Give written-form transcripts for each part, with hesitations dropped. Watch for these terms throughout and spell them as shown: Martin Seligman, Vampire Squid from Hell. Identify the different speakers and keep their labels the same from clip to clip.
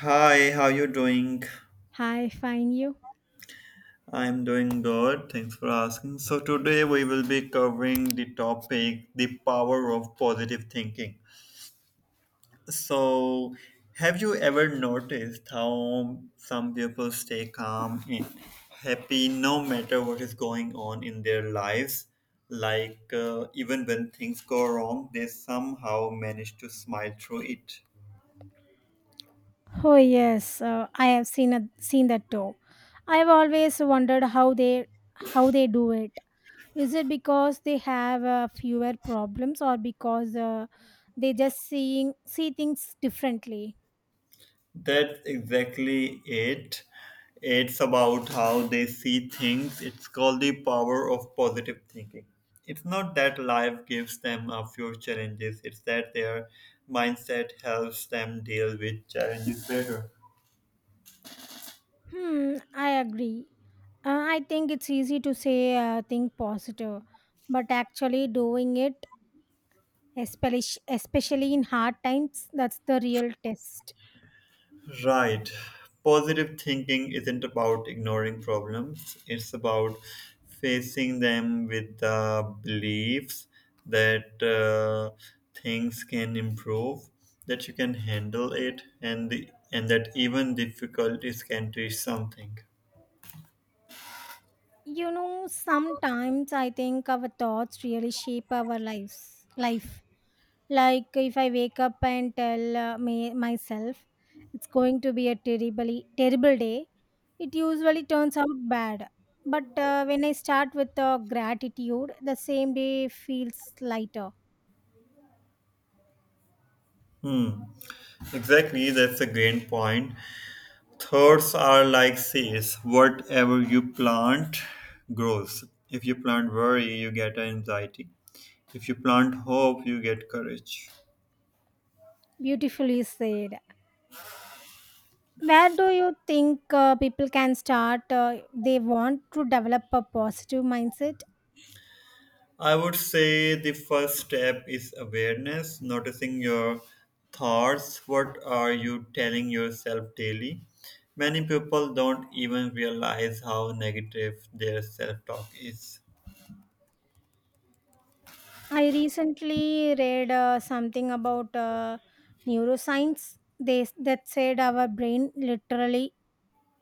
Speaker 1: Hi, how you doing?
Speaker 2: Hi, fine you.
Speaker 1: I'm doing good. Thanks for asking. So today we will be covering the topic the power of positive thinking. So have you ever noticed how some people stay calm and happy no matter what is going on in their lives? Like even when things go wrong, they somehow manage to smile through it.
Speaker 2: Oh yes, I have seen seen that too. I have always wondered how they do it. Is it because they have fewer problems or because they just see things differently?
Speaker 1: That's exactly it. It's about how they see things. It's called the power of positive thinking. It's not that life gives them a few challenges, it's that their mindset helps them deal with challenges better.
Speaker 2: I agree. I think it's easy to say think positive, but actually doing it, especially in hard times, that's the real test.
Speaker 1: Right. Positive thinking isn't about ignoring problems, it's about facing them with the beliefs that things can improve, that you can handle it, and that even difficulties can teach something.
Speaker 2: You know, sometimes I think our thoughts really shape our lives. Life, like if I wake up and tell me myself it's going to be a terribly terrible day, it usually turns out bad. But when I start with gratitude, the same day feels lighter.
Speaker 1: Hmm. Exactly, that's a great point. Thoughts are like seeds. Whatever you plant grows. If you plant worry, you get anxiety. If you plant hope, you get courage.
Speaker 2: Beautifully said. Where do you think people can start? They want to develop a positive mindset.
Speaker 1: I would say the first step is awareness, noticing your thoughts. What are you telling yourself daily? Many people don't even realize how negative their self talk is.
Speaker 2: I recently read something about neuroscience. They that said our brain literally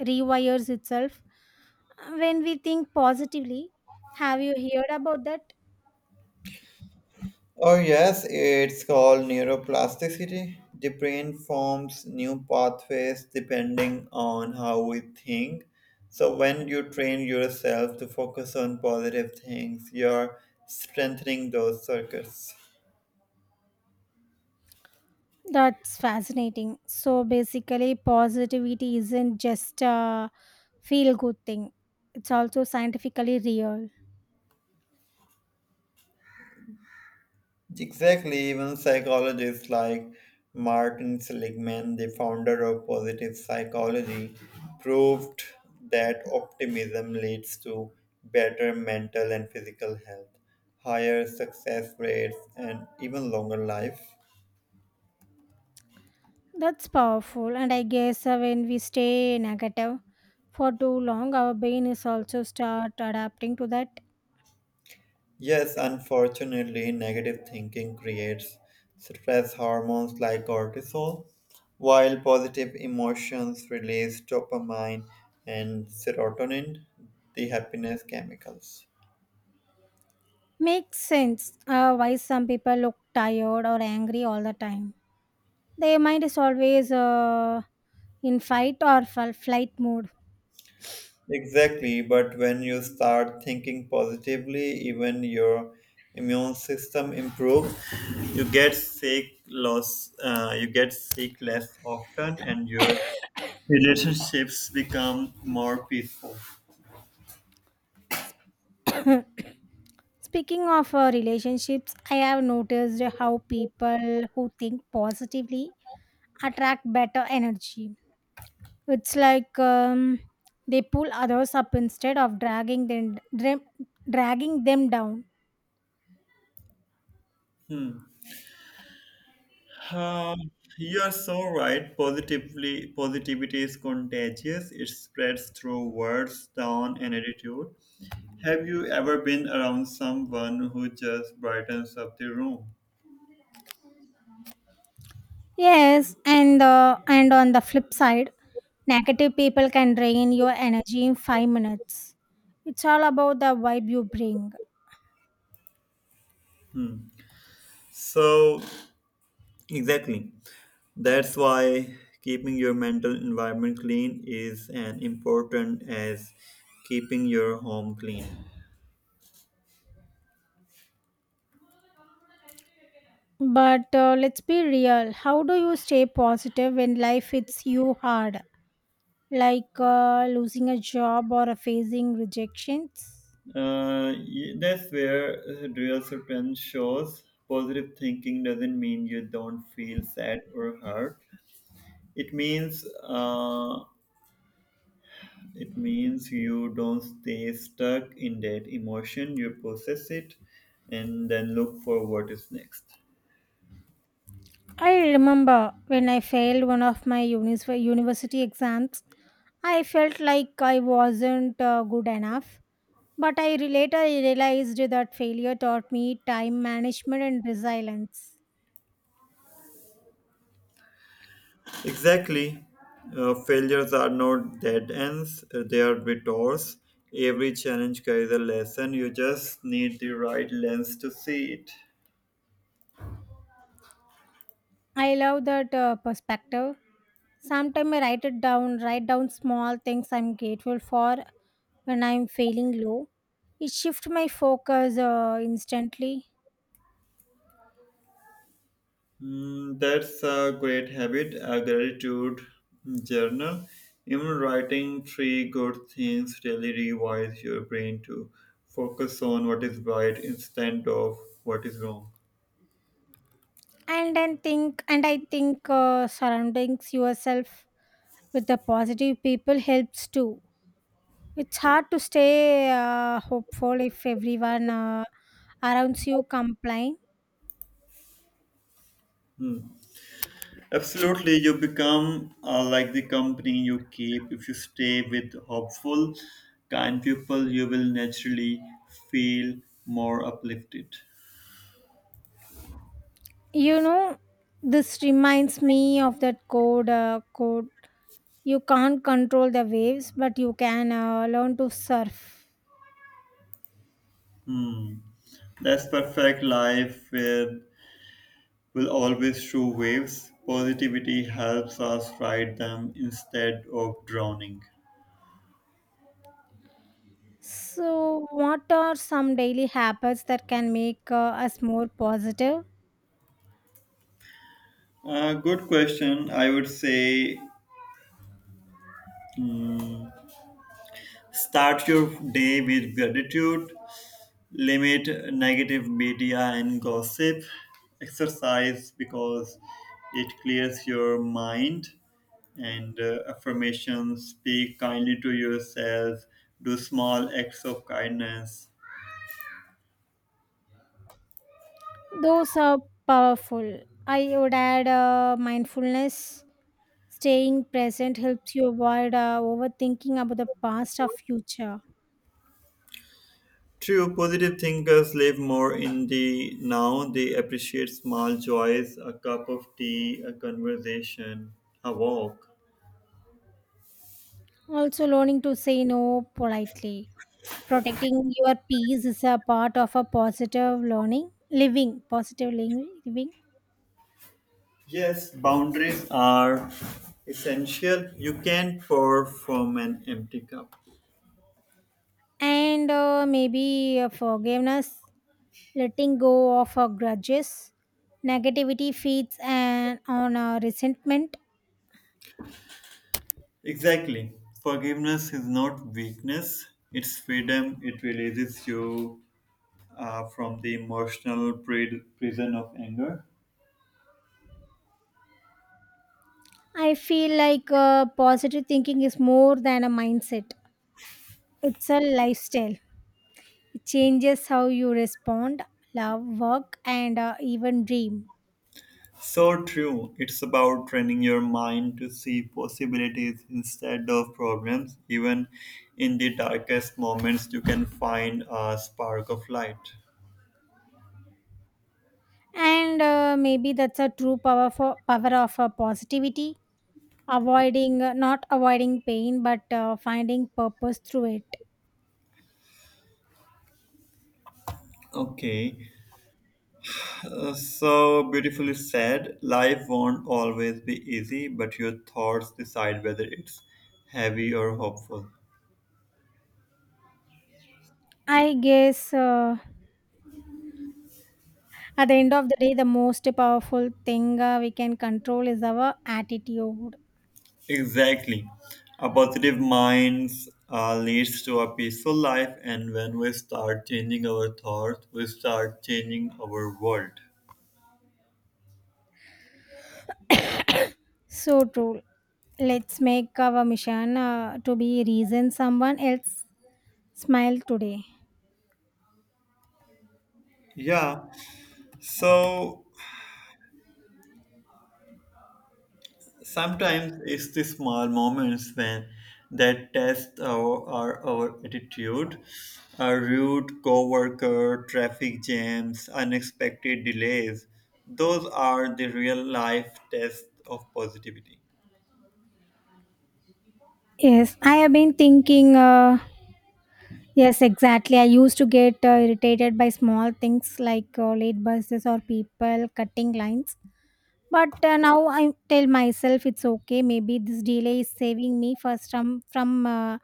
Speaker 2: rewires itself when we think positively. Have you heard about that?
Speaker 1: Oh, yes, it's called neuroplasticity. The brain forms new pathways depending on how we think. So, when you train yourself to focus on positive things, you're strengthening those circuits.
Speaker 2: That's fascinating. So basically, positivity isn't just a feel good thing. It's also scientifically real.
Speaker 1: Exactly, even psychologists like Martin Seligman, the founder of positive psychology, proved that optimism leads to better mental and physical health, higher success rates, and even longer life.
Speaker 2: That's powerful, and I guess when we stay negative for too long, our brain is also start adapting to that.
Speaker 1: Yes, unfortunately, negative thinking creates stress hormones like cortisol, while positive emotions release dopamine and serotonin, the happiness chemicals.
Speaker 2: Makes sense why some people look tired or angry all the time. Their mind is always in fight or flight mode.
Speaker 1: Exactly, but when you start thinking positively, even your immune system improves. You get sick loss. You get sick less often, and your relationships become more peaceful.
Speaker 2: Speaking of relationships, I have noticed how people who think positively attract better energy. It's like they pull others up instead of dragging them down.
Speaker 1: Um, you are so right. Positivity is contagious. It spreads through words, tone, and attitude. Have you ever been around someone who just brightens up the room?
Speaker 2: Yes, and on the flip side, negative people can drain your energy in 5 minutes. It's all about the vibe you bring.
Speaker 1: Hmm. So exactly. That's why keeping your mental environment clean is as important as keeping your home clean.
Speaker 2: But let's be real. How do you stay positive when life hits you hard? Like losing a job or facing rejections?
Speaker 1: That's where real strength shows. Positive thinking doesn't mean you don't feel sad or hurt. It means uh, it means you don't stay stuck in that emotion. You process it, and then look for what is next.
Speaker 2: I remember when I failed one of my university exams, I felt like I wasn't good enough. But later realized that failure taught me time management and resilience.
Speaker 1: Exactly. Failures are not dead ends, they are detours. Every challenge carries a lesson. You just need the right lens to see it.
Speaker 2: I love that perspective. Sometimes I write it down, write down small things I'm grateful for when I'm feeling low. It shifts my focus instantly.
Speaker 1: Mm, that's a great habit, a gratitude journal. Even writing three good things really rewires your brain to focus on what is right instead of what is wrong.
Speaker 2: And I think surrounding yourself with the positive people helps too. It's hard to stay hopeful if everyone around you complains.
Speaker 1: Absolutely, you become like the company you keep. If you stay with hopeful, kind people, you will naturally feel more uplifted.
Speaker 2: You know, this reminds me of that code: you can't control the waves, but you can learn to surf.
Speaker 1: That's perfect life with will always show waves. Positivity helps us ride them instead of drowning.
Speaker 2: So what are some daily habits that can make us more positive?
Speaker 1: Good question. I would say start your day with gratitude, limit negative media and gossip, exercise because it clears your mind, and affirmations, speak kindly to yourself, do small acts of kindness.
Speaker 2: Those are powerful. I would add mindfulness, staying present helps you avoid overthinking about the past or future.
Speaker 1: True, positive thinkers live more in the now. They appreciate small joys, a cup of tea, a conversation, a walk.
Speaker 2: Also learning to say no, politely. Protecting your peace is a part of a positive living.
Speaker 1: Yes, boundaries are essential. You can't pour from an empty cup.
Speaker 2: And maybe forgiveness, letting go of grudges, negativity feeds and on resentment.
Speaker 1: Exactly. Forgiveness is not weakness, it's freedom. It releases you from the emotional prison of anger.
Speaker 2: I feel like positive thinking is more than a mindset; it's a lifestyle. It changes how you respond, love, work, and even dream.
Speaker 1: So true. It's about training your mind to see possibilities instead of problems. Even in the darkest moments, you can find a spark of light.
Speaker 2: And maybe that's a true power for power of positivity, avoiding not avoiding pain but finding purpose through it.
Speaker 1: Okay, so beautifully said. Life won't always be easy, but your thoughts decide whether it's heavy or hopeful.
Speaker 2: I guess at the end of the day, the most powerful thing we can control is our attitude.
Speaker 1: Exactly. A positive mind leads to a peaceful life, and when we start changing our thoughts, we start changing our world.
Speaker 2: So true. Let's make our mission to be reason someone else smile today.
Speaker 1: Yeah. So sometimes it's the small moments when that test our attitude. A rude coworker, traffic jams, unexpected delays. Those are the real life tests of positivity.
Speaker 2: Yes I have been thinking Yes, exactly. I used to get irritated by small things like late buses or people cutting lines. But now I tell myself it's okay. Maybe this delay is saving me first from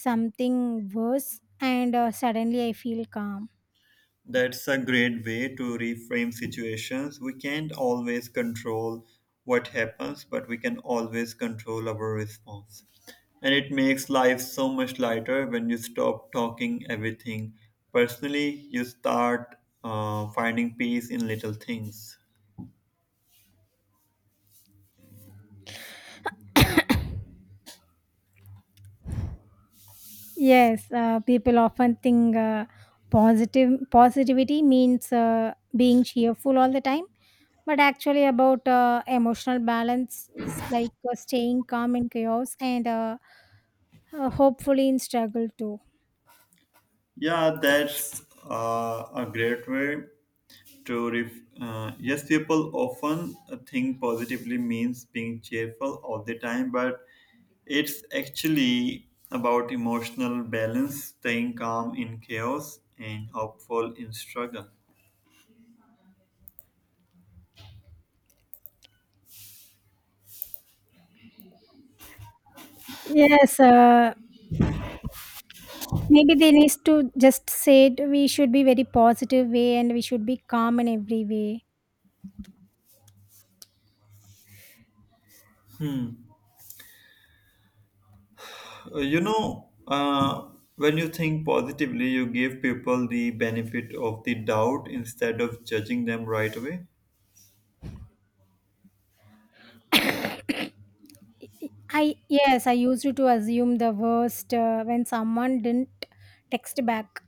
Speaker 2: something worse, and suddenly I feel calm.
Speaker 1: That's a great way to reframe situations. We can't always control what happens, but we can always control our response. And it makes life so much lighter when you stop talking everything personally, you start finding peace in little things.
Speaker 2: Yes, people often think positive positivity means being cheerful all the time, but actually about emotional balance, it's like staying calm in chaos and hopefully in struggle too.
Speaker 1: Yeah, that's a great way to ref- Yes, people often think positively means being cheerful all the time, but it's actually about emotional balance, staying calm in chaos and hopeful in struggle.
Speaker 2: Yes, maybe they need to just say it, we should be very positive way and we should be calm in every way.
Speaker 1: You know, uh, when you think positively you give people the benefit of the doubt instead of judging them right away.
Speaker 2: I used to assume the worst when someone didn't text back.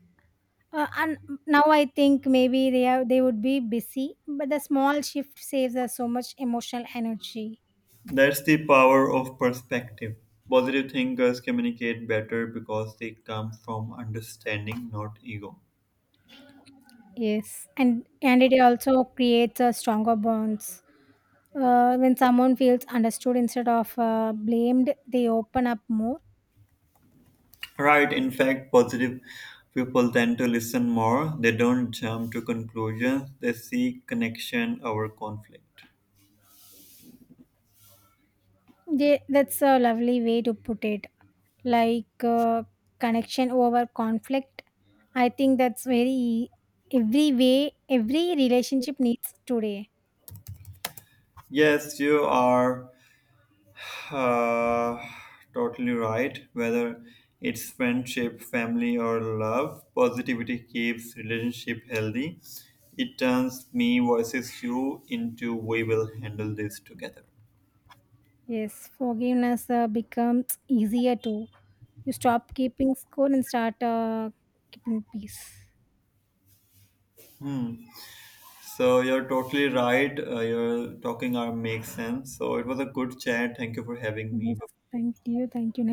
Speaker 2: And now I think maybe they would be busy, but the small shift saves us so much emotional energy.
Speaker 1: That's the power of perspective. Positive thinkers communicate better because they come from understanding, not ego.
Speaker 2: Yes, and it also creates a stronger bonds. When someone feels understood instead of blamed, they open up more.
Speaker 1: Right, in fact, positive people tend to listen more. They don't jump to conclusions, they seek connection over conflict.
Speaker 2: Yeah, that's a lovely way to put it. Like connection over conflict. I think that's very every relationship needs today.
Speaker 1: Yes, you are Uh, Totally right. Whether it's friendship, family, or love, positivity keeps relationship healthy. It turns me versus you into we will handle this together.
Speaker 2: Yes, forgiveness becomes easier too. You stop keeping score and start keeping peace.
Speaker 1: So you're totally right. Your talking are makes sense. So it was a good chat. Thank you for having
Speaker 2: Yes,
Speaker 1: me.
Speaker 2: thank you, thank you.